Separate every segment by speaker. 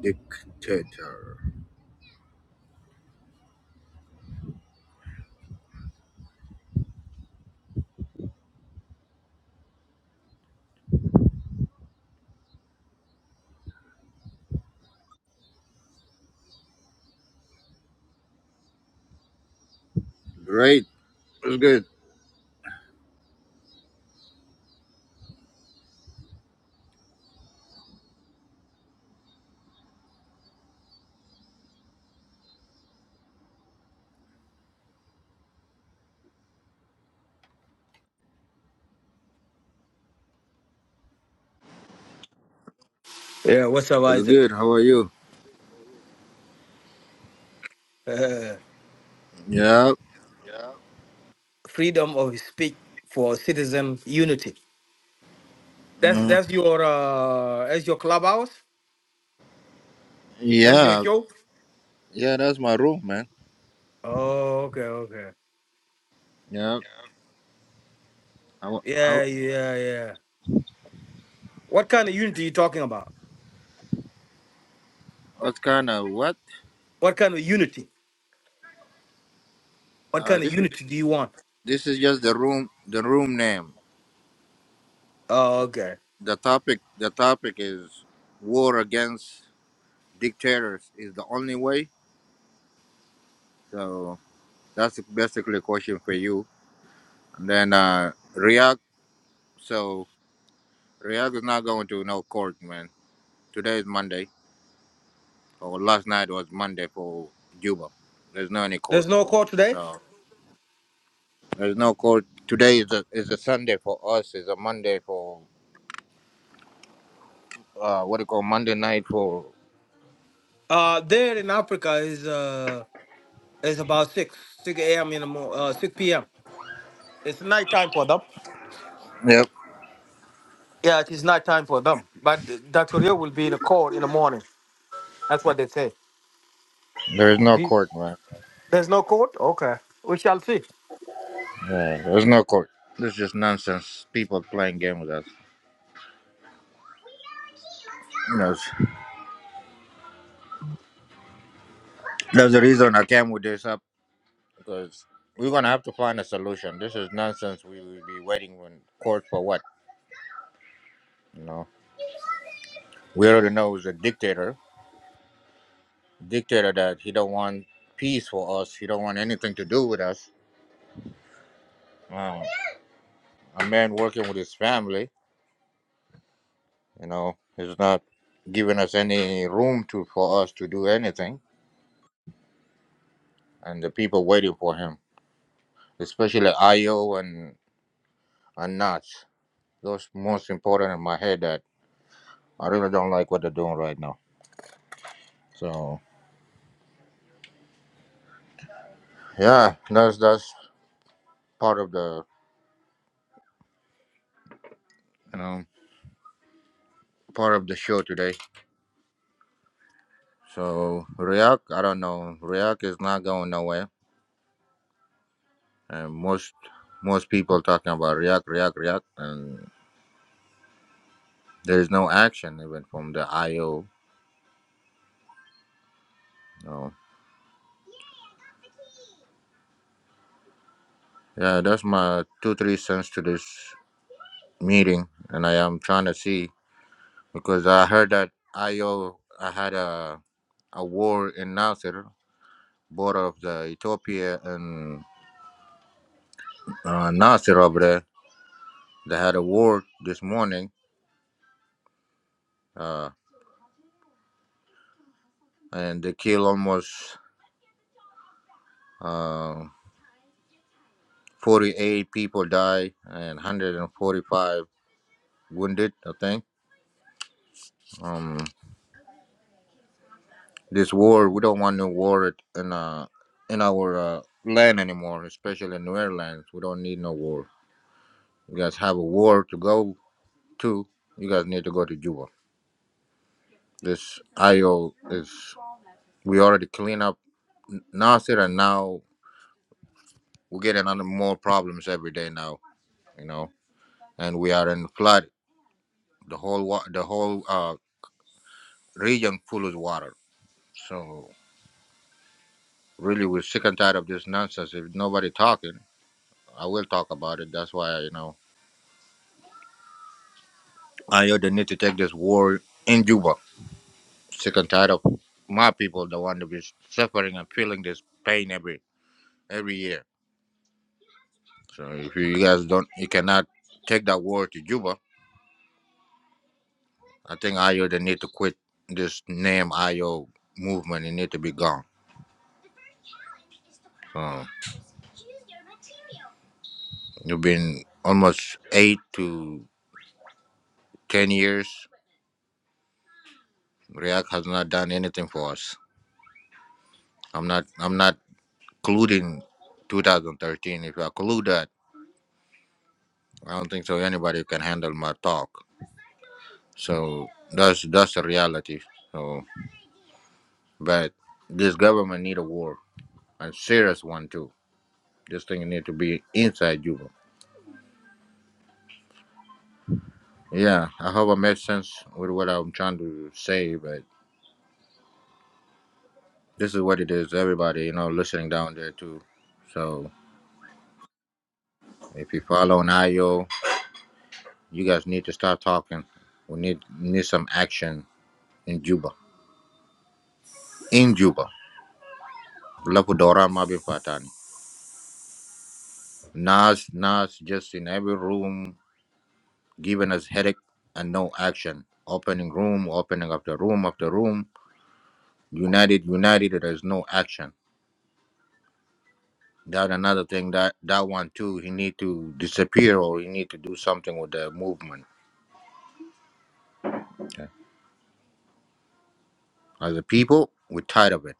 Speaker 1: Dictator. Great. What's good?
Speaker 2: Yeah, what's up,
Speaker 1: What's good?
Speaker 2: Isaac?
Speaker 1: How are you?
Speaker 2: Uh,
Speaker 1: Yeah.
Speaker 2: freedom of speech for citizen unity. That's
Speaker 1: Mhm.
Speaker 2: that's your uh, that's your clubhouse. That's your
Speaker 1: Yeah.
Speaker 2: show.
Speaker 1: Yeah, that's my room, man.
Speaker 2: Oh, okay, okay.
Speaker 1: Yeah. How, how,
Speaker 2: Yeah, yeah, yeah. What kind of unity you talking about?
Speaker 1: what kind of what?
Speaker 2: What kind of unity? What
Speaker 1: Uh,
Speaker 2: kind of
Speaker 1: this is
Speaker 2: unity do you want?
Speaker 1: this is just the room the room name.
Speaker 2: Oh, okay.
Speaker 1: The topic the topic is war against dictators is the only way. So that's basically a question for you. And then uh React so React is not going to no court, man. Today is Monday. So last night was Monday for Juba. There's no any
Speaker 2: There's
Speaker 1: court.
Speaker 2: no call today.
Speaker 1: So there's no court. Today is a is a Sunday for us. It's a Monday for uh what do you call Monday night for
Speaker 2: Uh, there in Africa is uh is about six six a.m. in the mo- uh, six p.m. It's night time for them.
Speaker 1: Yep.
Speaker 2: Yeah, it is night time for them. But Dr. Rio will be in a court in the morning. That's what they say.
Speaker 1: There is no
Speaker 2: The-
Speaker 1: court, man.
Speaker 2: There's no court? Okay. We shall see.
Speaker 1: Yeah, there's no court. This is just nonsense. People playing game with us. You know, that's the reason I came with this up because we're gonna have to find a solution. This is nonsense. We will be waiting on court for what? You know, we already know it's a dictator dictator that he don't want peace for us. He don't want anything to do with us. Uh, a man working with his family, you know, is not giving us any room to for us to do anything. And the people waiting for him, especially IO and and Nuts, those most important in my head that I really don't like what they're doing right now. So yeah, that's that's part of the you know part of the show today. So React, I don't know. React is not going nowhere And most most people talking about React, React, React, and there is no action even from the IO. No. Yeah, that's my two three cents to this meeting, and I am trying to see because I heard that IO I had a a war in Nasser, border of the Ethiopia and uh, Nasser over there. They had a war this morning, uh, and they killed almost uh, 48 people die and 145 wounded. I think um, this war we don't want no war it in uh in our uh, land anymore, especially in New Orleans. We don't need no war. You guys have a war to go to. You guys need to go to Juba. This IO is we already clean up Nasir, and now we get another more problems every day now. You know, and we are in flood. The whole wa- the whole uh, region full of water. So really, we're sick and tired of this nonsense. If nobody talking. I will talk about it. That's why you know I heard they need to take this war in Juba. Sick and tired of my people, the one to be suffering and feeling this pain every every year. So if you guys don't, you cannot take that war to Juba. I think IO they need to quit this name IO movement. It need to be gone. So you've been almost eight to ten years. React has not done anything for us. I'm not. I'm not including 2013. If I include that. I don't think so. Anybody can handle my talk. So that's that's the reality. So, but this government need a war, a serious one too. This thing need to be inside Juba. Yeah, I hope I make sense with what I'm trying to say. But this is what it is. Everybody, you know, listening down there too. So if you follow an IO, you guys need to start talking. We need need some action in Juba. In Juba, Lapu Doran Mabi Fatani. Nas, Nas, just in every room giving us headache and no action. Opening room, opening up the room after room. United, united, there's no action. That another thing that that one too, he need to disappear or he need to do something with the movement. Okay. As a people, we're tired of it.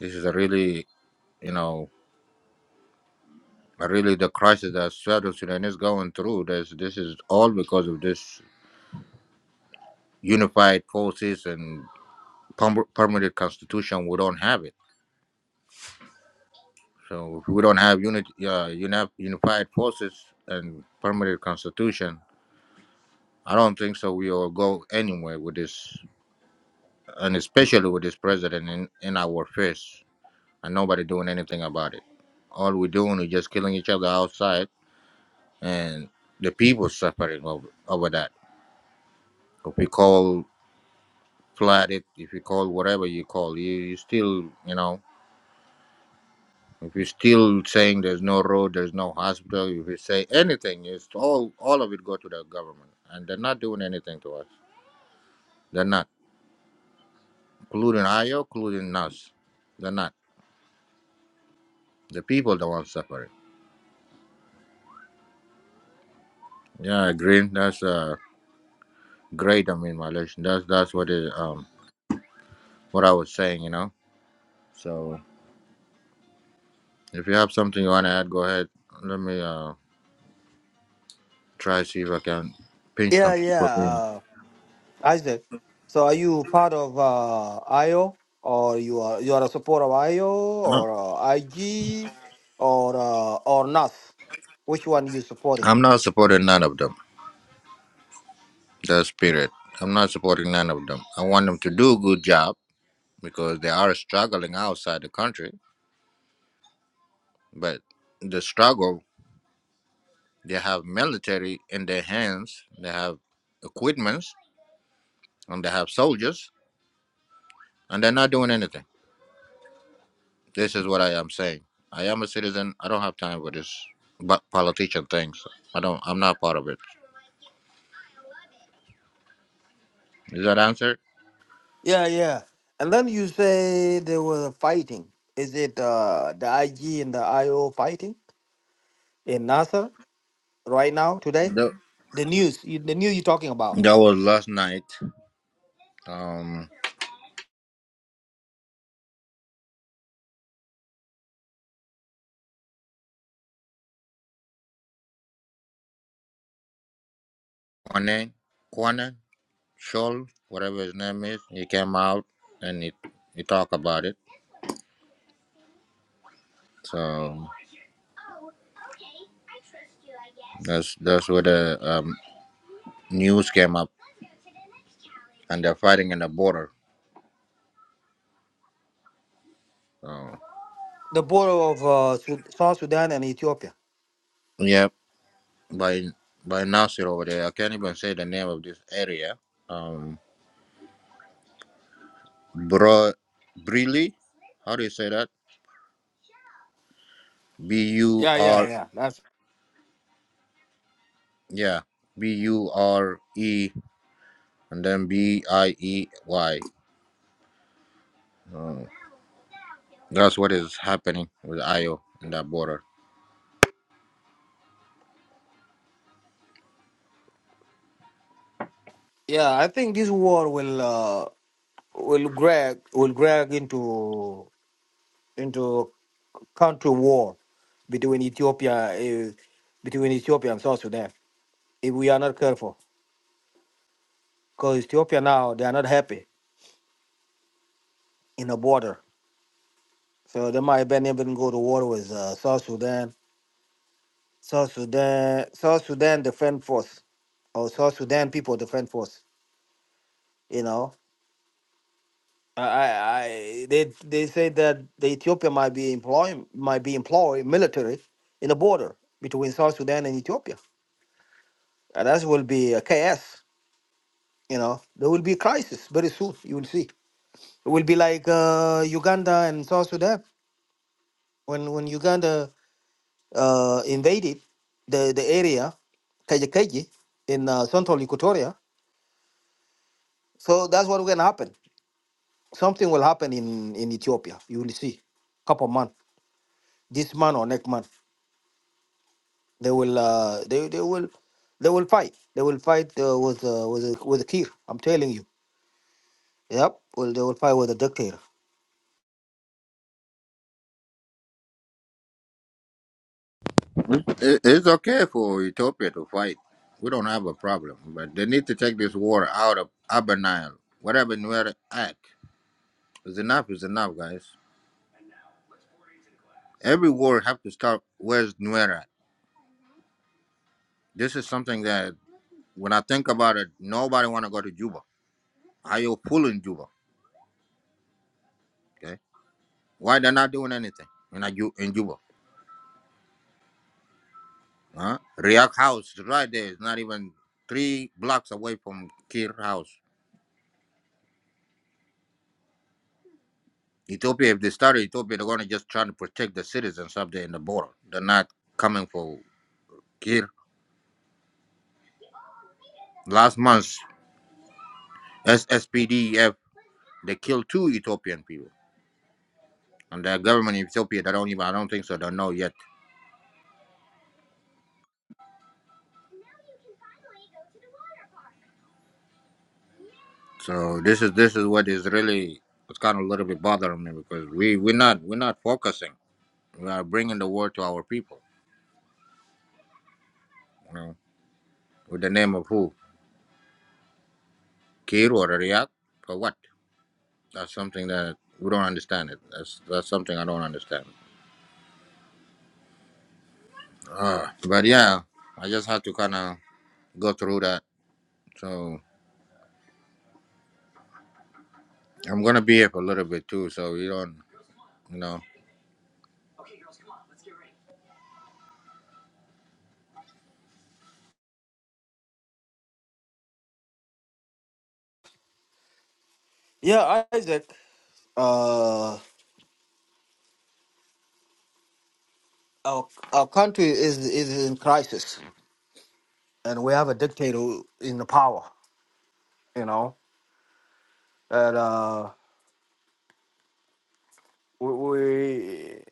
Speaker 1: This is a really, you know, a really the crisis that South Sudan is going through. This this is all because of this unified forces and perm- permanent constitution. We don't have it So if we don't have unit, uh, uni- unified forces and permanent constitution, I don't think so. We will go anywhere with this, and especially with this president in, in our face, and nobody doing anything about it. All we're doing is just killing each other outside, and the people suffering over, over that. If we call flat it, if you call whatever you call, you, you still, you know. If you're still saying there's no road, there's no hospital, if you say anything, it's all all of it go to the government, and they're not doing anything to us. They're not, including IO, including us. They're not. The people the ones suffering. Yeah, green. That's uh, great. I mean, Malaysian. That's that's what it, um what I was saying. You know. So if you have something you wanna add, go ahead. Let me uh try see if I can pinch some
Speaker 2: Yeah, yeah,
Speaker 1: people in.
Speaker 2: uh, Isaac. So are you part of uh, IO or you are you are a supporter of IO
Speaker 1: Uh,
Speaker 2: or uh, IG or uh, or Nas? Which one you supporting?
Speaker 1: I'm not supporting none of them. the spirit. I'm not supporting none of them. I want them to do a good job because they are struggling outside the country, but the struggle they have military in their hands, they have equipments, and they have soldiers, and they're not doing anything. This is what I am saying. I am a citizen. I don't have time for this but politician things. I don't. I'm not part of it. Is that answer?
Speaker 2: Yeah, yeah. And then you say they were fighting. Is it uh, the IG and the IO fighting in Nasser right now today?
Speaker 1: That,
Speaker 2: The news, you- the news you're talking about,
Speaker 1: that was last night. Um, Kwane, Kwane, Shoal, whatever his name is, he came out and he, he talked about it. So that's that's where the um, news came up, and they're fighting in the border. So
Speaker 2: the border of uh, Sud- South Sudan and Ethiopia.
Speaker 1: yeah, by by Nasir over there, I can't even say the name of this area. Um, Bro, Brili, how do you say that? B U
Speaker 2: Yeah, yeah,
Speaker 1: R,
Speaker 2: yeah. That's
Speaker 1: yeah, B U R E, and then B I E Y. Um, that's what is happening with IO in that border.
Speaker 2: yeah. I think this war will uh, will drag will drag into into country war between Ethiopia uh, between Ethiopia and South Sudan if we are not careful. Because Ethiopia now they are not happy in the border, so they might even even go to war with uh, South Sudan, South Sudan, South Sudan Defense Force or South Sudan People Defense Force. You know I, I I- they they say that the Ethiopia might be employing might be employed military in the border between South Sudan and Ethiopia, and that will be a chaos. You know, there will be crisis very soon. You will see. It will be like uh, Uganda and South Sudan when when Uganda uh, invaded the the area, Kaji in uh, central Equatoria. So that's what going to happen. Something will happen in in Ethiopia. You will see, couple months, this month or next month. They will uh, they they will they will fight. They will fight uh, with uh, with uh, with a Kir. I'm telling you. Yep. Well, they will fight with a dictator.
Speaker 1: It- It's okay for Ethiopia to fight. We don't have a problem, but they need to take this war out of Upper Nile. Whatever Nuer at is enough. Is enough, guys. Every war have to start. Where's Nuer at? This is something that when I think about it, nobody want to go to Juba. Are you fooling Juba? Okay, why they're not doing anything in a Ju- in Juba? Huh? React House is right there. It's not even three blocks away from Kir House. Ethiopia, if they start Ethiopia, they're gonna just try to protect the citizens up there in the border. They're not coming for kill. Last month, SSPDF they killed two Ethiopian people, and the government in Ethiopia they don't even I don't think so they know yet. So this is this is what is really it's kind of a little bit bothering me because we we're not we're not focusing. We are bringing the war to our people, you know, with the name of who Kir or Riyadh for what? That's something that we don't understand. It that's that's something I don't understand. Uh, but yeah, I just had to kind of go through that. So I'm gonna be here for a little bit too. So you don't, you know,
Speaker 2: Yeah, Isaac. Uh, our our country is is in crisis, and we have a dictator who- in the power. You know, and uh, we we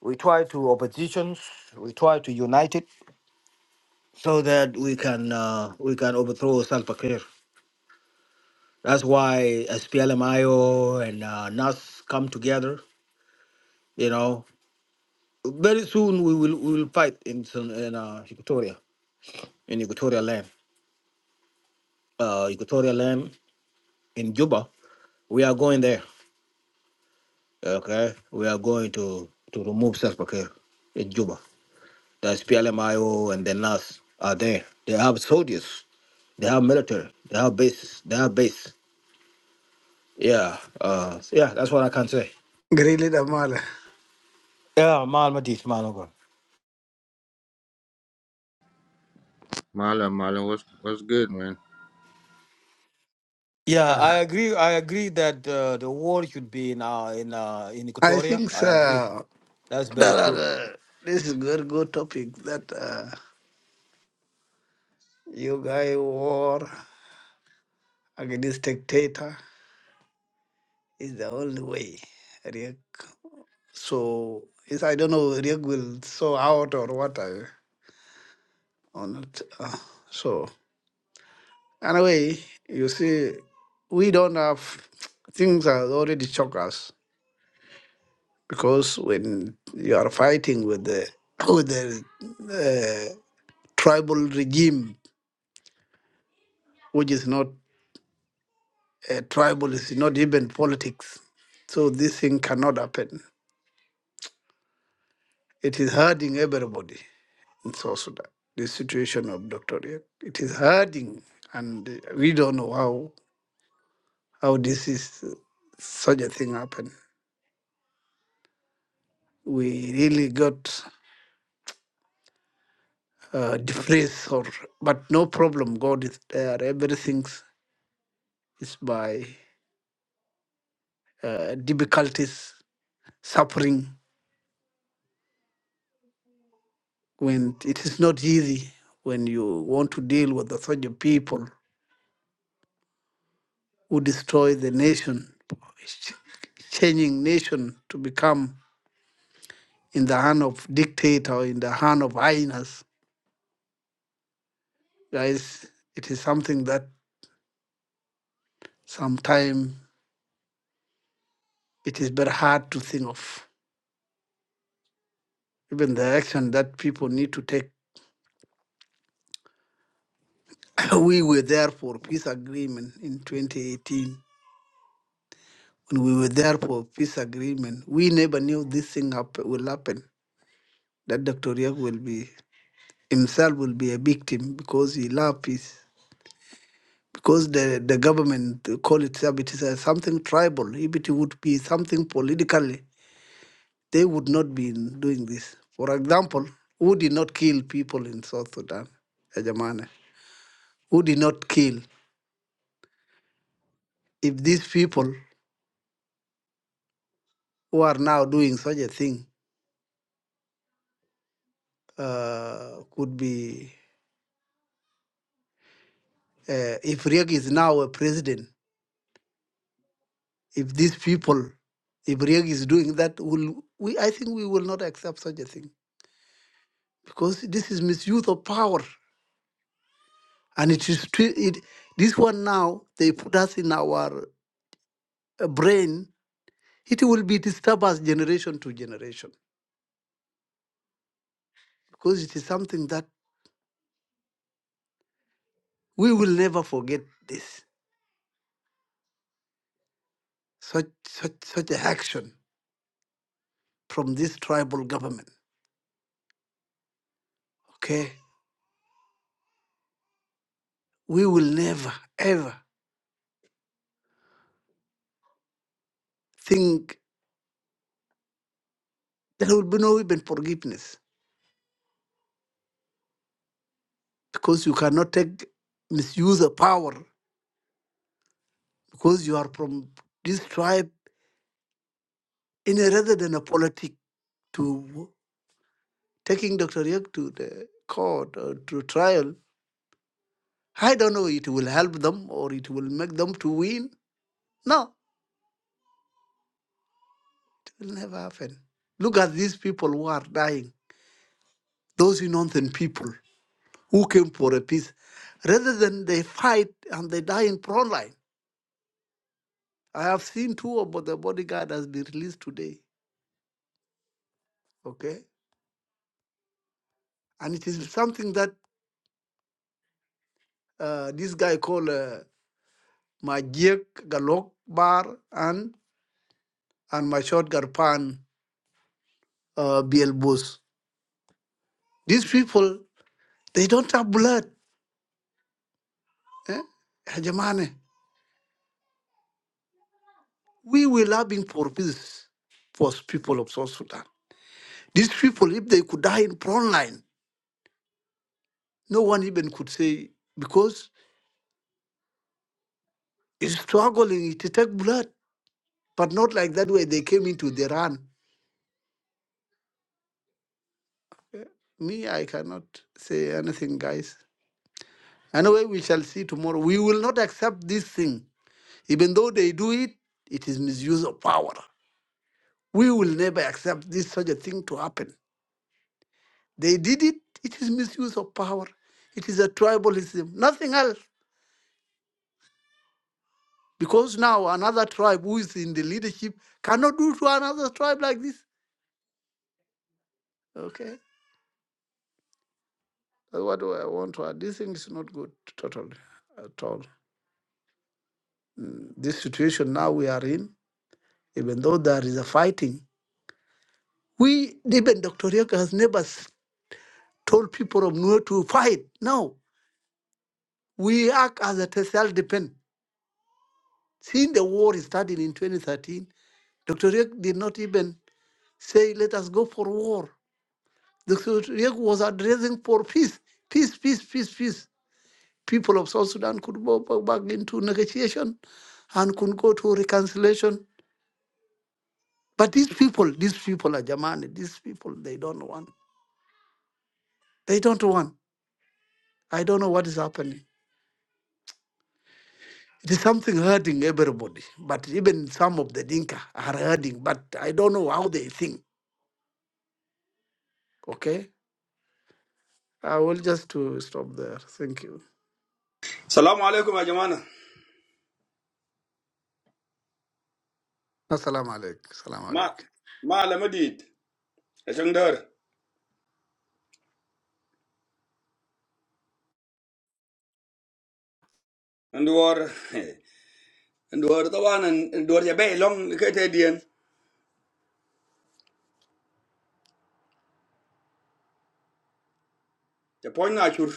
Speaker 2: we try to oppositions. We try to unite it so that we can uh, we can overthrow Salva Kiir. That's why SPLMIO and uh, NAS come together. You know, very soon we will we will fight in Sun- in uh, Equatoria, in Equatorial land, uh, Equatorial land in Juba. We are going there. Okay, we are going to to remove Salva Kiir in Juba. The SPLMIO and the NAS are there. They have soldiers. They have military. They have bases. They have base. Yeah. Uh, yeah. That's what I can say.
Speaker 3: Greeley Damala.
Speaker 2: Yeah, mal madis
Speaker 1: Marlon, Marlon, what's what's good, man?
Speaker 2: Yeah,
Speaker 3: Yeah.
Speaker 2: I agree. I agree that uh, the war should be in uh, in uh, in
Speaker 3: I
Speaker 2: Equatoria.
Speaker 3: think
Speaker 2: I agree.
Speaker 3: uh,
Speaker 2: That's
Speaker 3: that
Speaker 2: very
Speaker 3: are,
Speaker 2: true.
Speaker 3: uh, this is very good topic that uh, you guy war against dictator is the only way. Riek. So is I don't know Riek will so out or what I or not. Uh, so anyway, you see, we don't have things are already shock us because when you are fighting with the with the uh, tribal regime, which is not a tribal, is not even politics. So this thing cannot happen. It is hurting everybody in South Sudan. The situation of Dr. Riek. It is hurting, and uh, we don't know how how this is uh, such a thing happen. We really got uh, depressed, or but no problem. God is there. Everything is by uh, difficulties, suffering. when it is not easy when you want to deal with the such a people who destroy the nation, ch- changing nation to become in the hand of dictator, in the hand of hyenas. Guys, it is something that sometimes it is very hard to think of. Even the action that people need to take. we were there for peace agreement in 2018. When we were there for peace agreement, we never knew this thing hap- will happen. That Dr. Riek will be himself will be a victim because he love peace. Because the, the government call itself it is a something tribal. If it would be something politically, they would not be doing this. For example, who did not kill people in South Sudan? Ajamane. Who did not kill? If these people who are now doing such a thing uh, could be, uh, if Riek is now a president, if these people, if Riek is doing that, will we? I think we will not accept such a thing because this is misuse of power and it is twi- it, this one now they put us in our uh, brain it will be disturb us generation to generation because it is something that we will never forget this such such such a action from this tribal government okay we will never ever think there will be no even forgiveness because you cannot take misuse of power because you are from this tribe in a, rather than a politics to taking Dr. Yek to the court or to trial, I don't know it will help them or it will make them to win. No, it will never happen. Look at these people who are dying, those innocent people who came for a peace, rather than they fight and they die in front line. I have seen two about the bodyguard has been released today, okay? And it is something that uh, this guy called uh, Majek Galok Bar and, and my Garpan uh, Bill These people, they don't have blood. Eh? Hajamane, we were loving for peace for people of South Sudan. These people, if they could die in front line, no one even could say, because it's struggling It take blood, but not like that way they came into the run. Me, I cannot say anything, guys. Anyway, we shall see tomorrow. We will not accept this thing. Even though they do it, it is misuse of power. We will never accept this such a thing to happen. They did it. It is misuse of power. It is a tribalism, nothing else. Because now another tribe who is in the leadership cannot do to another tribe like this. Okay, that's what I want to add. This thing is not good totally at all. Mm, This situation now we are in, even though there is a fighting, we even Dr. Yoka has never s- told people of Nuer to fight. No, we act as a self-defense. Since the war started in 2013, Dr. Yoka did not even say, let us go for war. Dr. Riek was addressing for peace, peace, peace, peace, peace. People of South Sudan could go back into negotiation and could go to reconciliation. But these people, these people are Jamani, these people, they don't want. They don't want. I don't know what is happening. It is something hurting everybody, but even some of the Dinka are hurting, but I don't know how they think. Okay? I will just to stop there. Thank you.
Speaker 4: Salamu alaikum ajamana.
Speaker 3: Assalamu alaikum. Assalamu
Speaker 4: Ma
Speaker 3: alaikum.
Speaker 4: ma lamadid. Ashang dar. Nduwar. Nduwar tawan nduwar ya bay long kete dien. The point nature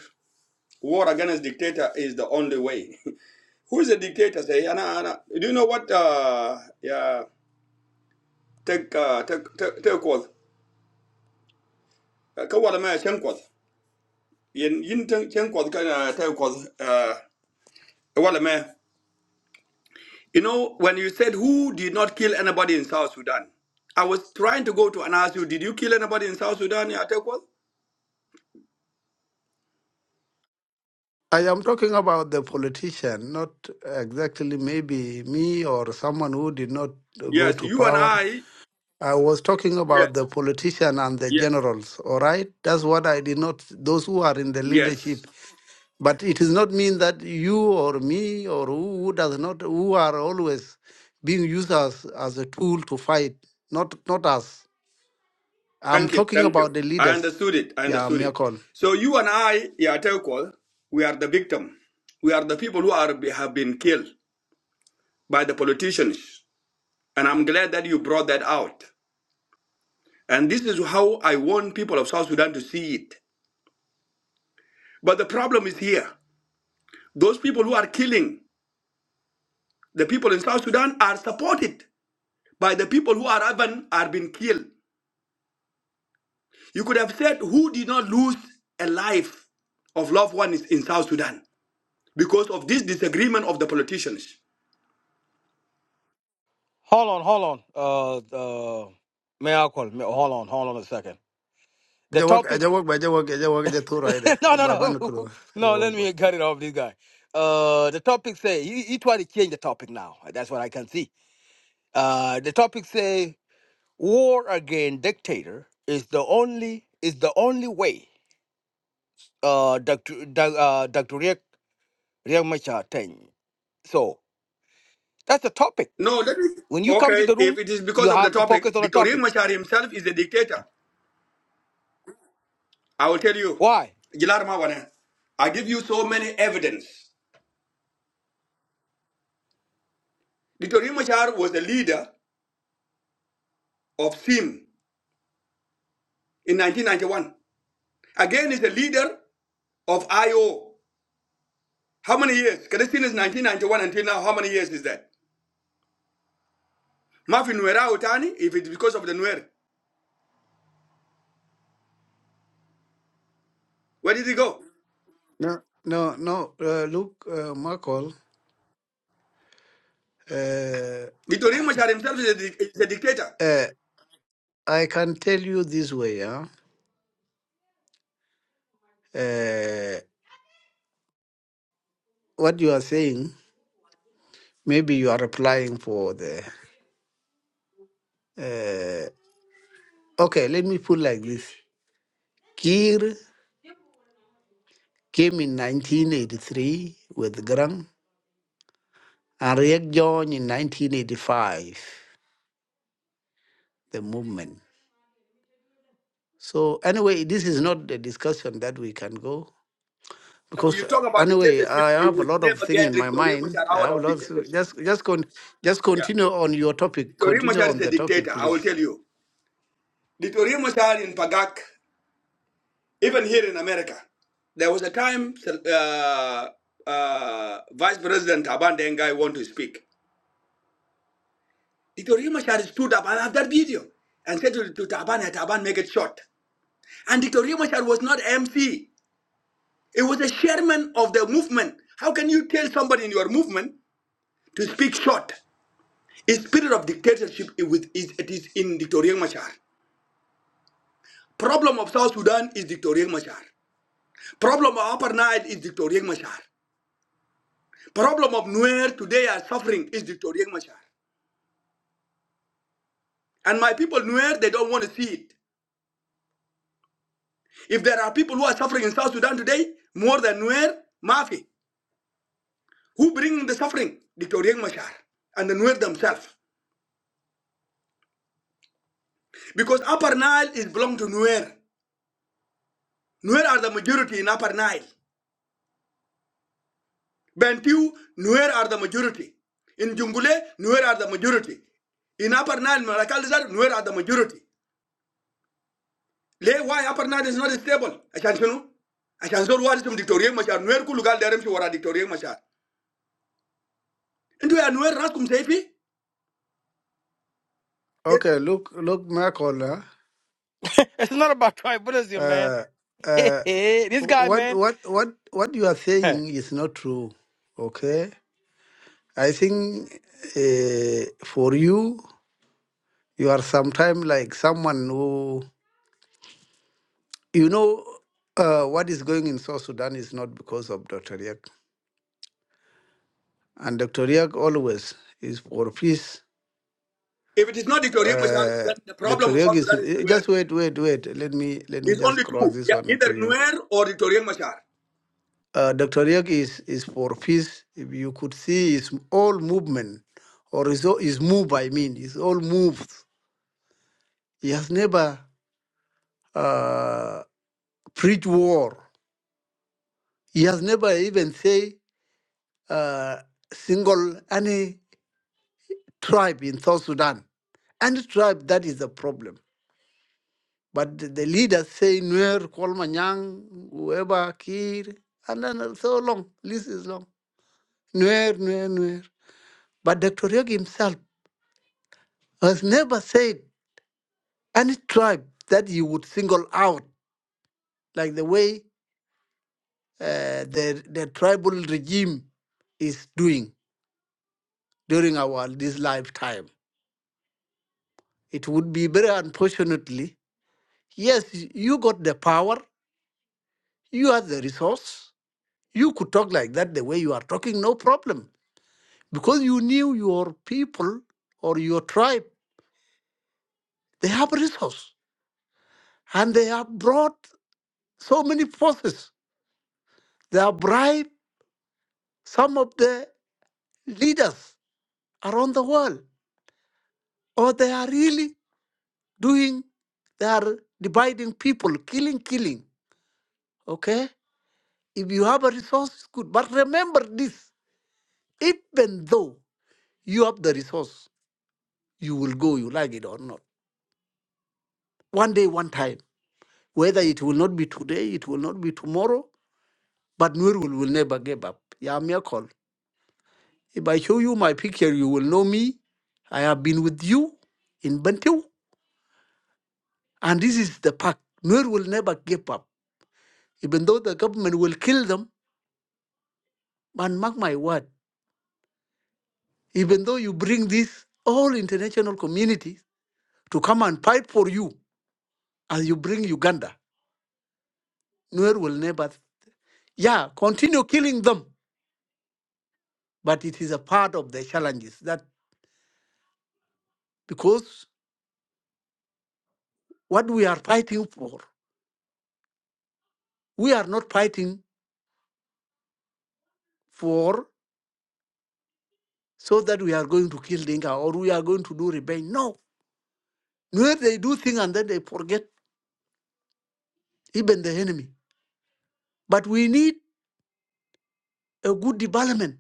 Speaker 4: war against dictator is the only way. Who is the dictator say? Ana ana. Do you know what uh yeah take uh take take take call. Ka wala ma chen call. Yin yin chen chen call ka uh, take call uh wala ma. You know, when you said who did not kill anybody in South Sudan, I was trying to go to and ask you, did you kill anybody in South Sudan, Yatekwal?
Speaker 3: I am talking about the politician, not exactly maybe me or someone who did not go
Speaker 4: Yes,
Speaker 3: to
Speaker 4: you and
Speaker 3: power.
Speaker 4: I.
Speaker 3: I was talking about
Speaker 4: Yes,
Speaker 3: the politician and the
Speaker 4: yes,
Speaker 3: generals, all right? That's what I did not, those who are in the
Speaker 4: yes.
Speaker 3: leadership. But it does not mean that you or me or who who does not, who are always being used as, as a tool to fight, not, not us. I'm
Speaker 4: Thank you,
Speaker 3: talking
Speaker 4: thank you.
Speaker 3: about the
Speaker 4: I
Speaker 3: leaders.
Speaker 4: understood it. I
Speaker 3: Yeah,
Speaker 4: understood
Speaker 3: Mia
Speaker 4: it.
Speaker 3: call.
Speaker 4: So you and I, Yatekwal, we are the victim. We are the people who are have been killed by the politicians, and I'm glad that you brought that out. And this is how I want people of South Sudan to see it. But the problem is here. Those people who are killing The people in South Sudan are supported by the people who are even are being killed. You could have said who did not lose a life of loved ones in South Sudan because of this disagreement of the politicians.
Speaker 2: Hold on, hold on. Uh, uh, may I call? Hold on, hold on a second. The
Speaker 3: Aja wak
Speaker 2: topic.
Speaker 3: aja wak ba aja work. I work aja thora ida
Speaker 2: no, no,
Speaker 3: ba ban
Speaker 2: no,
Speaker 3: kuro
Speaker 2: no. Let me cut it off this guy. Uh, the topic say he, he tried to change the topic now. That's what I can see. Uh, the topic say war against dictator is the only is the only way. Uh, Doctor Doc- uh, Doctor Riek Riek Machar thing. So That's the topic.
Speaker 4: No, let me.
Speaker 2: When you come to
Speaker 4: Okay,
Speaker 2: the
Speaker 4: if
Speaker 2: room,
Speaker 4: it is because
Speaker 2: you
Speaker 4: of the
Speaker 2: have to
Speaker 4: topic,
Speaker 2: focus on a
Speaker 4: Dr. Riek
Speaker 2: topic.
Speaker 4: Machar himself is a dictator. I will tell you,
Speaker 2: Why?
Speaker 4: Gilar Mawana, I give you so many evidence. Dr. Riek Machar was the leader of SIM in 1991. Again, he's the leader of IO How many years? Can you since 1991 until now, how many years is that? Mafi Nuera Utani, if it's because of the Nuer, where did he go?
Speaker 3: No, no, no. Uh, look, uh, Michael, uh,
Speaker 4: Victorine Machar himself is a, is a dictator.
Speaker 3: uh, I can tell you this way. Huh? Uh, what you are saying, maybe you are applying for the. Uh, okay, let me put like this. Kir came in 1983 with Grang, and Riek joined in 1985, the movement. So anyway, this is not the discussion that we can go.
Speaker 4: When
Speaker 3: because
Speaker 4: you
Speaker 3: uh,
Speaker 4: talk about
Speaker 3: anyway
Speaker 4: dictatorship,
Speaker 3: i
Speaker 4: you
Speaker 3: have a
Speaker 4: will
Speaker 3: lot of
Speaker 4: never
Speaker 3: thing
Speaker 4: get
Speaker 3: in my
Speaker 4: Victorine
Speaker 3: mind
Speaker 4: Machar
Speaker 3: i
Speaker 4: out
Speaker 3: have a
Speaker 4: of
Speaker 3: lot of
Speaker 4: dictatorship.
Speaker 3: just just con- just
Speaker 4: Yeah.
Speaker 3: continue on your topic
Speaker 4: Victorine
Speaker 3: continue
Speaker 4: Machar is
Speaker 3: on
Speaker 4: a
Speaker 3: the topic
Speaker 4: dictator, I will
Speaker 3: please
Speaker 4: tell you. Victorine Machar in Pagak, even here in America, there was a time uh, uh, Vice President Aban Dengai wanted to speak. Dictorio Machar stood up. and I have that video and said to, to Taban, "Hey, Taban, make it short. And Dictorio Machar was not MC. It was a chairman of the movement. How can you tell somebody in your movement to speak short? The spirit of dictatorship is, is, it is in Dictorio Machar. Problem of South Sudan is Dictorio Machar. Problem of Upper Nile is Dictorio Machar. Problem of Nuer today are suffering is Dictorio Machar. And my people Nuer, they don't want to see it. If there are people who are suffering in South Sudan today, more than Nuer, Mafi, who bring the suffering? Dr. Riek Machar and the Nuer themselves. Because Upper Nile is belong to Nuer. Nuer are the majority in Upper Nile. Bantu, Nuer are the majority. In Jungule, Nuer are the majority. In Upper Nile, Malakalizar, Nuer are the majority. Lay why Upper Nile is not stable. Ashanshanu. Ashanshanu, what is from Dr. Riek Machar? Nuer kulugal derem shi wara Dr. Riek Mashar. Into ya Nuer raskum seifi?
Speaker 3: okay look look michael uh,
Speaker 2: it's not about tribalism, man.
Speaker 3: uh uh,
Speaker 2: this guy,
Speaker 3: what
Speaker 2: man.
Speaker 3: what what what you are
Speaker 2: Hey.
Speaker 3: saying is not true okay i think uh, for you you are sometime like someone who you know uh, what is going in south sudan is not because of dr Riak. and dr Riak always is for peace
Speaker 4: If it is not Equatorial Machar,
Speaker 3: Uh,
Speaker 4: then the
Speaker 3: Dr.
Speaker 4: problem of South
Speaker 3: Yogi is
Speaker 4: Sudan is
Speaker 3: eh,
Speaker 4: Nuer.
Speaker 3: just wait, wait, wait. Let me let me
Speaker 4: It's
Speaker 3: just
Speaker 4: only
Speaker 3: cross
Speaker 4: two.
Speaker 3: this
Speaker 4: Yeah,
Speaker 3: one to
Speaker 4: either
Speaker 3: you.
Speaker 4: Nuer or Equatorial Machar.
Speaker 3: Uh, Dr. Yogi is is for peace. If you could see his all movement or his all- his move, I mean, his all moves. He has never uh, preached war. He has never even say uh, single any tribe in South Sudan. Any tribe that is a problem. But the, the leaders say Nuer, Kolmanyang, whoever, Kir, and then uh, so long. List is long. Nuer, Nuer, Nuer. But Dr. Yogi himself has never said any tribe that he would single out, like the way uh, the, the tribal regime is doing during our this lifetime. It would be very unfortunately, yes, you got the power, you have the resource, you could talk like that the way you are talking, no problem because you knew your people or your tribe they have resource and they have brought so many forces they have bribed some of the leaders around the world or they are really doing they are dividing people killing killing okay if you have a resource it's good but remember this even though you have the resource you will go you like it or not one day one time whether it will not be today it will not be tomorrow But Nur will, will never give up. Yeah, miracle. If I show you my picture, you will know me. I have been with you in Bantu. And this is the pact. Nur will never give up. Even though the government will kill them, but mark my word, even though you bring this all international communities to come and fight for you as you bring Uganda, Nur will never, yeah, continue killing them. But it is a part of the challenges that because what we are fighting for, we are not fighting for so that we are going to kill Dinka or we are going to do rebel. No. Where they do things and then they forget even the enemy. But we need a good development.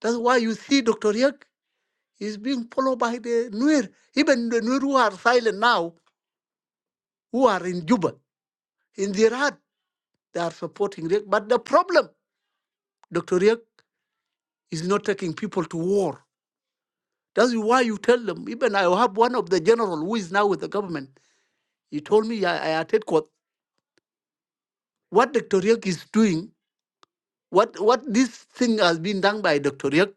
Speaker 3: That's why you see Dr. Yak is being followed by the Nuer. Even the Nuer who are silent now, who are in Juba, in their heart, they are supporting Yak. But the problem, Dr. Yak is not taking people to war. That's why you tell them, even I have one of the general who is now with the government. He told me, I, I attend what Dr. Yak is doing What what this thing has been done by Dr. Yek,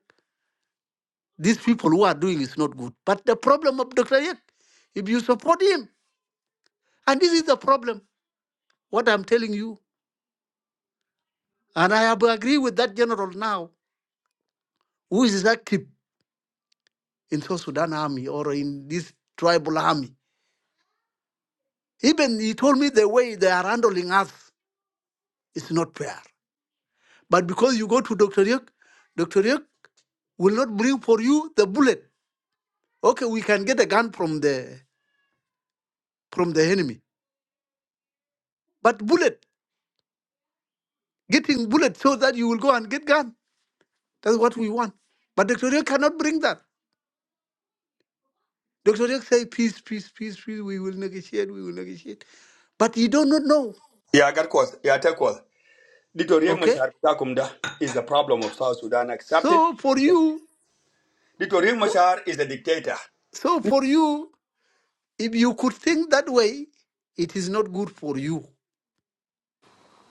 Speaker 3: these people who are doing is not good. But the problem of Dr. Yek, if you support him, and this is the problem, what I'm telling you, and I have agree with that general now, who is active in South Sudan army or in this tribal army. Even he told me the way they are handling us is not fair. But because you go to Dr. Yek, Dr. Yek will not bring for you the bullet. Okay, we can get a gun from the from the enemy. But bullet Getting bullets so that you will go and get gun. That's what we want. But Dr. Rick cannot bring that. Dr. Rick say peace, peace, peace, peace. We will negotiate. We will negotiate. But you do not know.
Speaker 4: Yeah, I got cause. Yeah, I take cause. Equatorial
Speaker 3: Okay.
Speaker 4: Machar Takumda is the problem of South Sudan. Accept it.
Speaker 3: So for
Speaker 4: and take
Speaker 3: you, for-
Speaker 4: Machar is the dictator.
Speaker 3: so for you, if you could think that way, it is not good for you.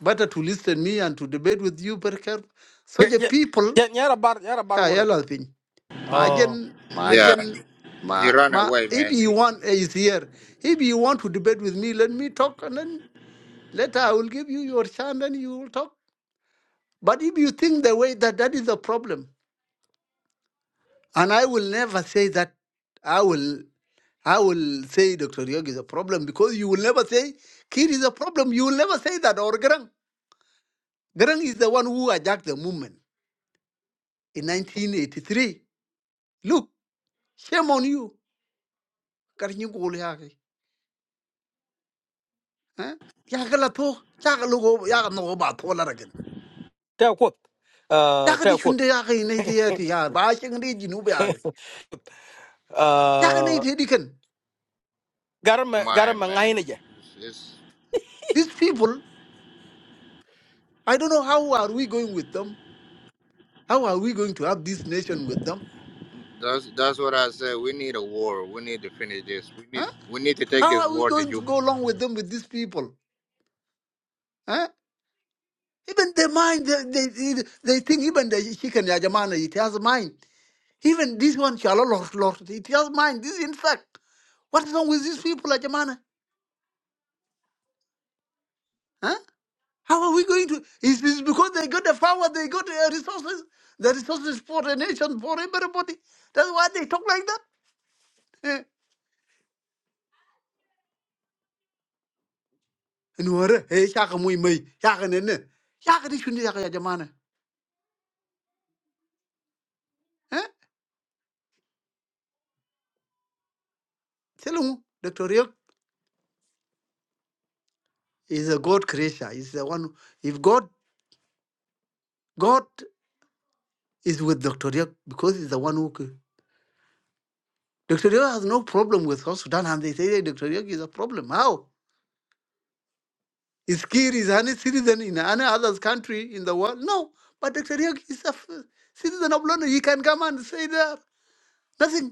Speaker 3: Better to listen me and to debate with you very careful.
Speaker 2: Yeah,
Speaker 3: Such a
Speaker 2: yeah,
Speaker 3: people,
Speaker 2: yeah, yeah, yeah, about, yeah, about
Speaker 3: yeah,
Speaker 2: water.
Speaker 3: yeah, I think.
Speaker 2: Oh,
Speaker 3: Imagine,
Speaker 1: Yeah,
Speaker 3: imagine,
Speaker 1: he
Speaker 3: ma,
Speaker 1: ran
Speaker 3: ma,
Speaker 1: away,
Speaker 3: if
Speaker 1: man.
Speaker 3: you
Speaker 1: He,
Speaker 3: want, eh, is here. If you want to debate with me, let me talk and then Later, I will give you your chance and you will talk. But if you think the way that that is a problem, and I will never say that, I will I will say Dr. Yog is a problem because you will never say Kid is a problem. You will never say that or Garang. Garang is the one who hijacked the movement in 1983. Look, shame on you. Karinyu gol yaki. Yaka la to. Yaka lugo yaka no go ba to la ragan.
Speaker 2: tell quote. Uh,
Speaker 3: Yaka
Speaker 2: tell
Speaker 3: di
Speaker 2: quote.
Speaker 3: shunde yaka in 1980 ya ti ya ba shing di jinu be yaki. Yaka in
Speaker 2: uh,
Speaker 3: 1980
Speaker 2: got him, got
Speaker 1: mine, man.
Speaker 2: him,
Speaker 1: It's, it's
Speaker 3: These people I don't know how are we going with them. How are we going to have this nation with them?
Speaker 1: that's that's what I said. We need a war. We need to finish this. We need
Speaker 3: Huh?
Speaker 1: we need to take
Speaker 3: How
Speaker 1: this
Speaker 3: are we
Speaker 1: war to
Speaker 3: going to
Speaker 1: Juba.
Speaker 3: go along with them with these people? Huh? Even their mind, they, they, they think even the chicken yajamana, it has a mind. Even this one, shalolot, lot, it has mind. This insect. What's wrong with these people, yajamana? Huh? How are we going to? It's, it's because they got the power, they got the resources. The resources for the nation, for everybody. That's why they talk like that. Eh? nuore e chaka muy muy chaka nene chaka di shundi chaka ya jamana eh selungu Dr. Riek is a God creator is the one Who, if God God is with Dr. Riek because he's the one who cre- Dr. Riek has no problem with South Sudan and they say hey, Dr. Riek is a problem how is Kir is any citizen in any other country in the world no but Dr. Riek is a f- citizen of London he can come and say there nothing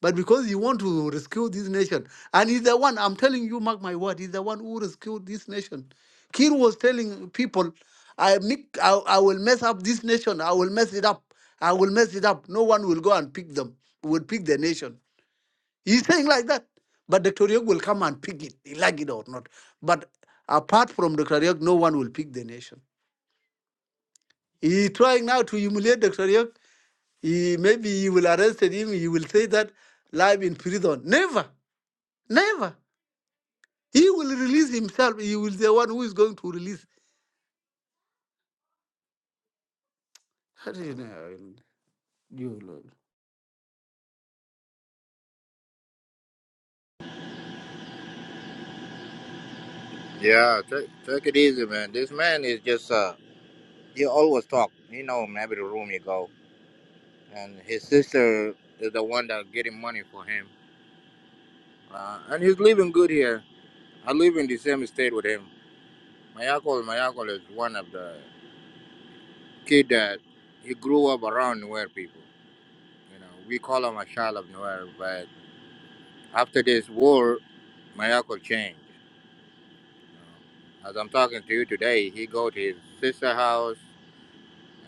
Speaker 3: But because you want to rescue this nation, and he's the one, I'm telling you, mark my word, he's the one who rescued this nation. Kir was telling people, I, make, I, I will mess up this nation, I will mess it up, I will mess it up. No one will go and pick them, will pick the nation. He's saying like that. But Dr. Yog will come and pick it, he like it or not. But apart from Dr. Yog, no one will pick the nation. He trying now to humiliate Dr. Yog. He, maybe he will arrest him, he will say that live in prison. Never, never. He will release himself. He will the one who is going to release. How do you know? You Lord.
Speaker 1: Yeah, take take it easy, man. This man is just uh, he always talk. You know him every room you go, and his sister is the one that getting money for him. Uh, and he's living good here. I live in the same state with him. My uncle, my uncle is one of the kid that he grew up around Nuer people. You know, we call him a child of Nuer, but after this war, my uncle changed. You know. As I'm talking to you today, he go to his sister house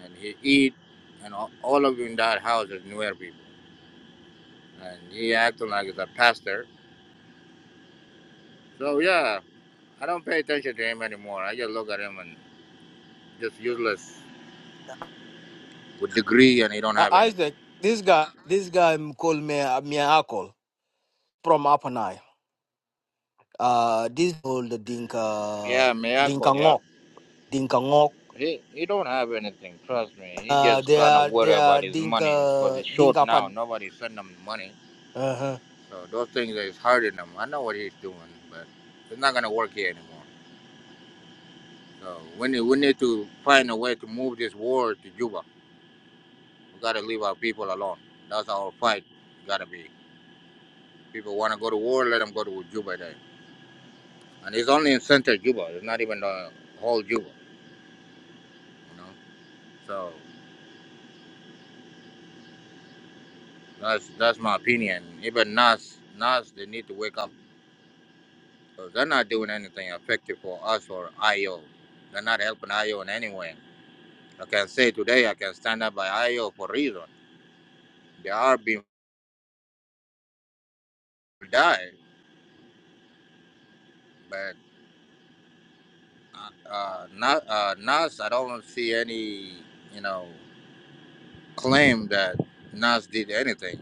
Speaker 1: and he eat, and all all of you in that house is Nuer people. And he acting like he's a pastor. So yeah, I don't pay attention to him anymore. I just look at him and just useless with degree and he don't
Speaker 2: uh,
Speaker 1: have anything.
Speaker 2: Isaac. This guy, this guy m- called me uh, me Akol from Upper Nile. Uh, this called the Dinka
Speaker 1: Yeah,
Speaker 2: Dinka
Speaker 1: miracle. Yeah,
Speaker 2: Ngok.
Speaker 1: he he don't have anything. Trust me, he
Speaker 2: Uh,
Speaker 1: just
Speaker 2: they
Speaker 1: kind of
Speaker 2: are
Speaker 1: worry
Speaker 2: they
Speaker 1: about
Speaker 2: are
Speaker 1: his money because
Speaker 2: Dinka
Speaker 1: he's short
Speaker 2: Dinka part.
Speaker 1: now. Nobody send him money,
Speaker 2: Uh-huh.
Speaker 1: so those things is hurting him. I know what he's doing, but it's not gonna work here anymore. So we need we need to find a way to move this war to Juba. We gotta leave our people alone. That's our fight. Gotta be. People wanna go to war, let them go to Juba then. And it's only in center Juba. It's not even the whole Juba, you know. So. That's that's my opinion. Even Nas, Nas, they need to wake up because 'cause they're not doing anything effective for us or IO. They're not helping IO in any way. I can say today I can stand up by IO for reason. They are being die, but uh, not uh, Nas. I don't see any you know claim that Nas did anything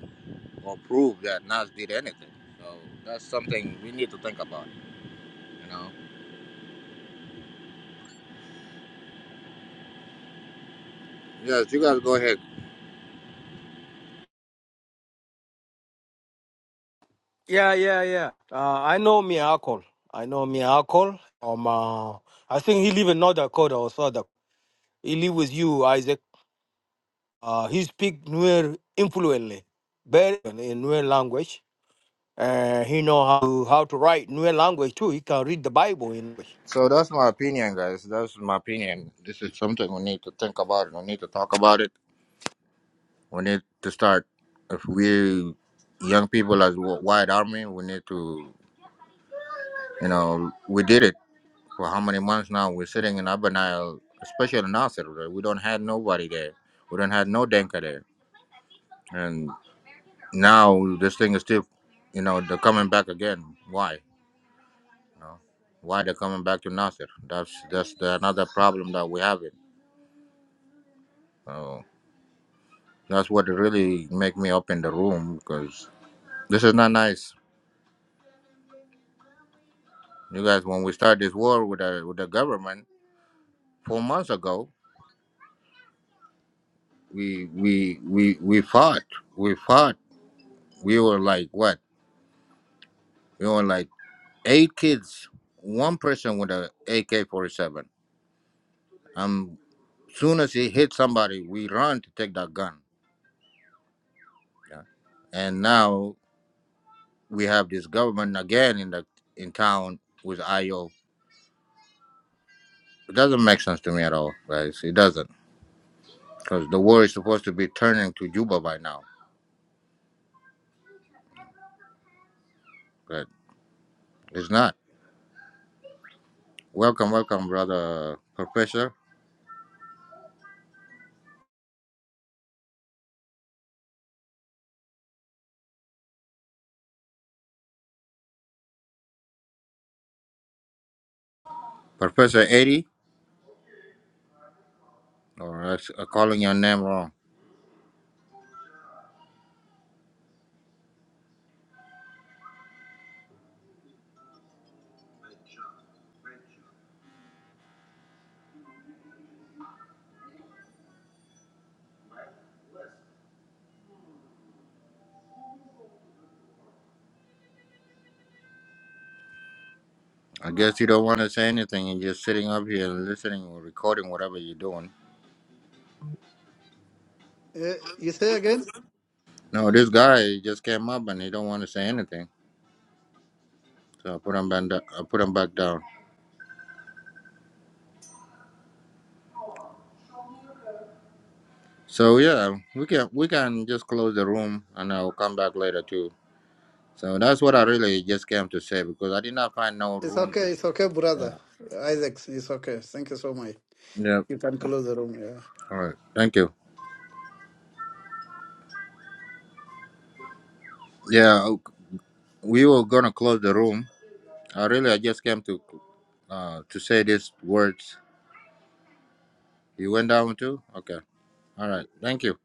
Speaker 1: or prove that Nas did anything. So that's something we need to think about. You know. Yes, you guys go ahead.
Speaker 2: Yeah, yeah, yeah. Uh, I know Miyakol. I know Miyakol. Um, uh, I think he live in North Dakota or South Dakota. He live with you, Isaac. Uh, he speak Nuer influently, very well in Nuer language. Uh, he know how to, how to write Nuer language too. He can read the Bible in English.
Speaker 1: So that's my opinion, guys. That's my opinion. This is something we need to think about. We need to talk about it. We need to start. If we young people as w- white army, we need to, you know, we did it for how many months now? We're sitting in Upper Nile, especially in Nasser. right? We don't have nobody there. We don't have no Denka there. And now this thing is still, you know, they're coming back again. Why? You know, why they're coming back to Nasser? That's that's the, another problem that we have it. So That's what really make me open the room because this is not nice. You guys, when we start this war with the with the government four months ago, we we we we fought. We fought. We were like what? We were like eight kids, one person with a AK forty seven. Um, soon as he hit somebody, we run to take that gun. Yeah. And now we have this government again in the in town with IO. It doesn't make sense to me at all, guys. It doesn't. because the war is supposed to be turning to Juba by now, but it's not. Welcome, welcome, brother Professor Professor Eddie, or I s- uh, calling your name wrong. I guess you don't want to say anything. You're just sitting up here listening or recording whatever you're doing.
Speaker 3: Uh, you say again?
Speaker 1: No, this guy just came up and he don't want to say anything, so I put him back. da- I put him back down. So yeah, we can we can just close the room and I'll come back later too. So that's what I really just came to say because I did not find no
Speaker 3: It's
Speaker 1: room to.
Speaker 3: okay. It's okay, brother.
Speaker 1: Yeah.
Speaker 3: Isaac, it's okay. Thank you so much.
Speaker 1: Yep.
Speaker 3: You can close the room. Yeah.
Speaker 1: All right. Thank you. Yeah, we were gonna close the room. I really, I just came to, uh, to say these words. You went down too? Okay. All right. Thank you.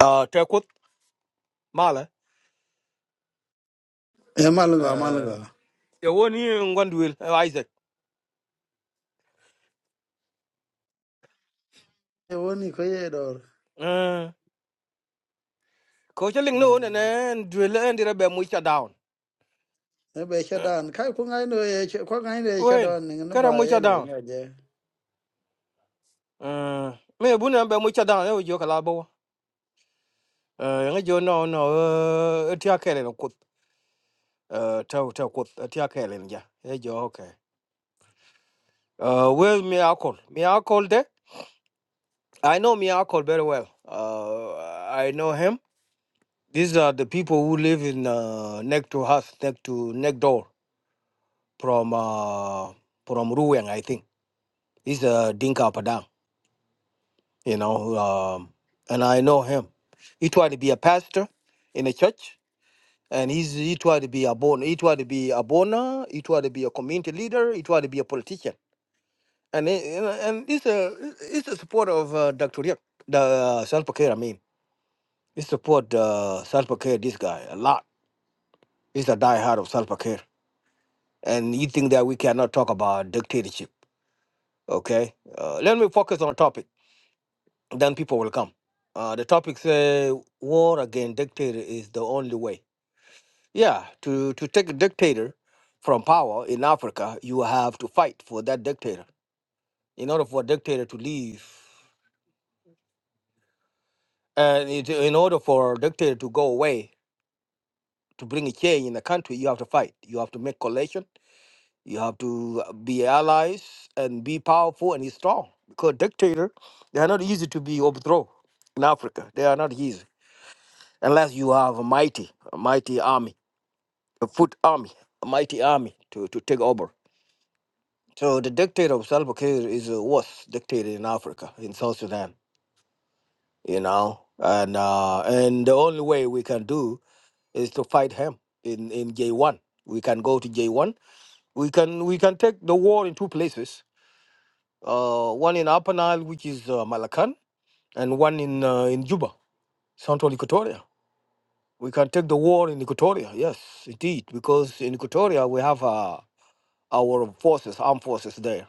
Speaker 2: Uh, Tekut Mala.
Speaker 3: Yeah, Malaga,
Speaker 2: Uh,
Speaker 3: Malaga.
Speaker 2: the one here in Gwendolyn, uh, Isaac.
Speaker 3: I want you to door.
Speaker 2: Uh, Coach Ling no, and
Speaker 3: Hmm.
Speaker 2: then drill and the rebel down.
Speaker 3: Ebe shadan. Kai kung ay no eh kung ay no eh
Speaker 2: Wen,
Speaker 3: shadan ning no
Speaker 2: kara
Speaker 3: ba eh
Speaker 2: mucha
Speaker 3: lo
Speaker 2: down.
Speaker 3: benya je.
Speaker 2: Uh, me buna be mucha down. Ewo jo kala bo. Uh, nga jo no no. Uh, tia kele no kut. Uh, tau tau kut. Tia kele nja. E jo okay. Uh, well, me alcohol. Me alcohol de. I know me alcohol very well. Uh, I know him. These are the people who live in uh, next to us, next to next door from uh, from Ruang, I think. This is uh, Dinka Padang. you know um, and i know him he tried to be a pastor in a church and he's, he tried to be a born he tried to be a bona he tried to be a community leader he tried to be a politician and he- and and he's a he's a supporter of uh, dr Riek, the uh, Salva Kiir, i mean he support uh, Salva Kiir, this guy a lot he's a diehard of Salva Kiir. and you think that we cannot talk about dictatorship okay uh, let me focus on a topic then people will come. Uh, the topic say war against dictator is the only way. Yeah, to to take a dictator from power in Africa, you have to fight for that dictator. In order for a dictator to leave, and it, in order for a dictator to go away, to bring a change in the country, you have to fight. You have to make coalition. You have to uh, be allies and be powerful and strong. Because dictator, they are not easy to be overthrown in Africa. They are not easy unless you have a mighty, a mighty army, a foot army, a mighty army to, to take over. So the dictator of Salva Kiir is the worst dictator in Africa, in South Sudan, you know, and uh, and the only way we can do is to fight him in in J1. We can go to J1. We can we can take the war in two places. Uh, one in Upper Nile, which is uh, Malacan, and one in uh, in Juba, Central Equatoria. We can take the war in Equatoria, yes, indeed, because in Equatoria we have uh, our forces, armed forces there,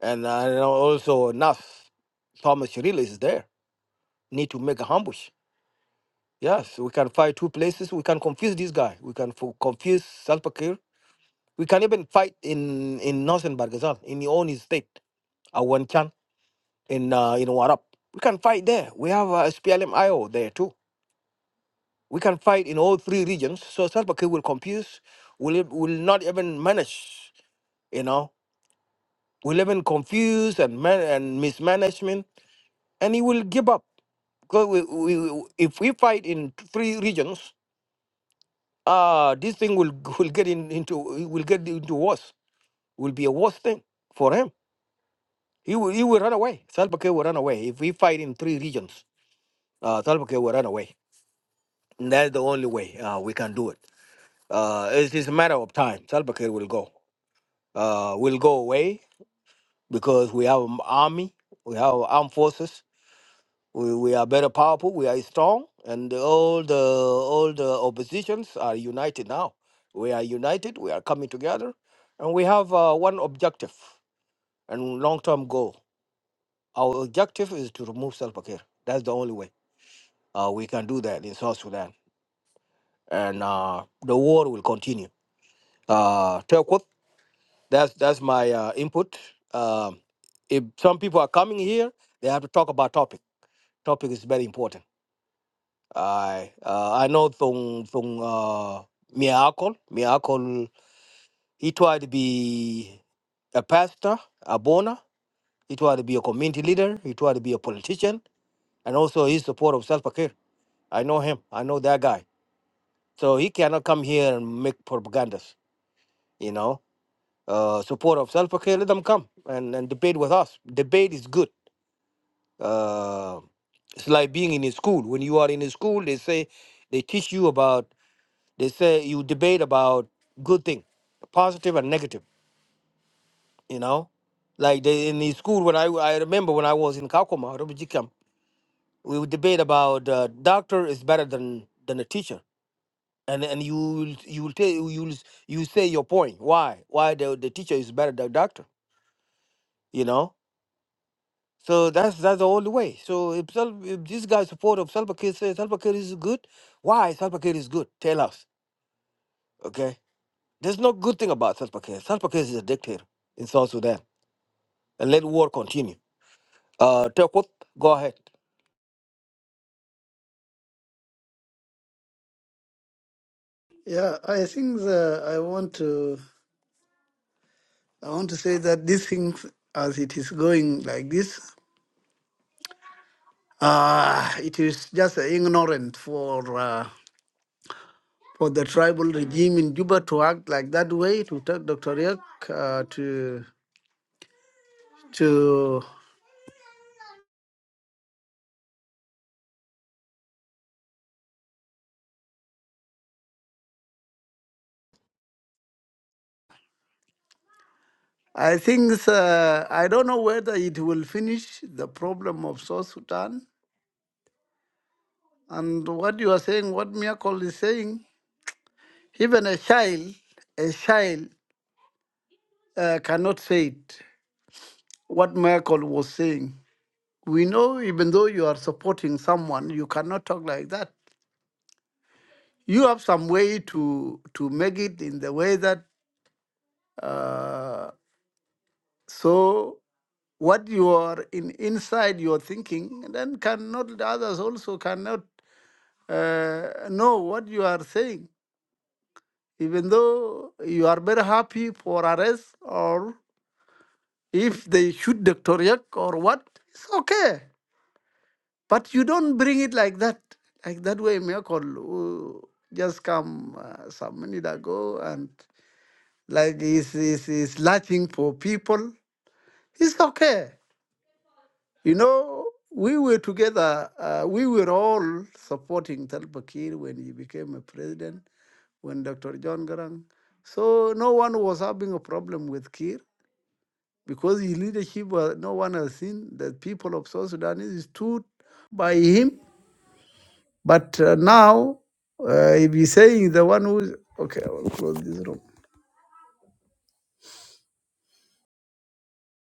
Speaker 2: and uh, you know, also NAS Thomas Shirley is there. Need to make a ambush. Yes, we can fight two places. We can confuse this guy. We can fo- confuse Salva Kiir. We can even fight in in northern Bargazal, in your own state, Awanchan, in uh, in Warap. We can fight there. We have uh, SPLM there too. We can fight in all three regions. So Salva Kiir will confuse, will, e- will not even manage, you know, will even confuse and, man, and mismanagement, and he will give up. Because we, we, we- if we fight in three regions, uh, this thing will, will get in, into it will get into worse. Will be a worse thing for him. He will, he will run away. Salva Kiir will run away. If we fight in three regions, uh, Salva Kiir will run away. And that's the only way uh, we can do it. Uh, it's, it's a matter of time. Salva Kiir will go. uh, will go away because we have an army, we have armed forces, we, we are better powerful, we are strong, and all the all the oppositions are united now. We are united, we are coming together, and we have uh, one objective and long-term goal. Our objective is to remove Salva Kiir. That's the only way uh, we can do that in South Sudan, and uh, the war will continue. Uh, That's that's my uh, input. Um, if some people are coming here, they have to talk about topic. Topic is very important. I uh, I know Thong Thong uh, Miracle Miracle. He tried to be a pastor, a boner. He tried to be a community leader. He tried to be a politician, and also his support of self care. I know him. I know that guy. So he cannot come here and make propagandas. You know, uh, support of self care. Let them come and, and debate with us. Debate is good Uh, it's like being in a school. When you are in a school, they say they teach you about. They say you debate about good thing, positive and negative. You know, like they, in the school when I I remember when I was in Kakuma, Rubiji camp, we would debate about uh, doctor is better than than a teacher. And, and you will you will tell you will you will say your point why why the, the teacher is better than doctor you know So that's that's the only way. So if, Sal- if this guy support of Salva Kiir says Salva Kiir is good, why Salva Kiir is good? Tell us, okay? There's no good thing about Salva Kiir. Salva Kiir is a dictator in South Sudan, and let war continue. Uh, Tekut, go ahead.
Speaker 3: Yeah, I think the, I want to I want to say that these things as it is going like this. Uh, it is just ignorant for uh, for the tribal regime in Juba to act like that way to take Dr. Riek uh, to to. I think it's, uh, I don't know whether it will finish the problem of South Sudan and what you are saying, what Miracle is saying. Even a child, a child uh, cannot say it. What Miracle was saying. We know, even though you are supporting someone, you cannot talk like that you have some way to to make it in the way that uh, so what you are in inside your thinking then cannot the others also cannot uh, know what you are saying even though you are very happy for arrest or if they shoot Dr. Yak or what it's okay but you don't bring it like that like that way miracle who just come uh, some minute ago and. like he's, he's, he's lashing for people. It's okay. You know, we were together, uh, we were all supporting Talpa Kiir when he became a president, when Dr. John Garang. So no one was having a problem with Kiir because his leadership, was, no one has seen the people of South Sudan is stood by him. But uh, now, uh, if he's saying the one who's, okay, I will close this room.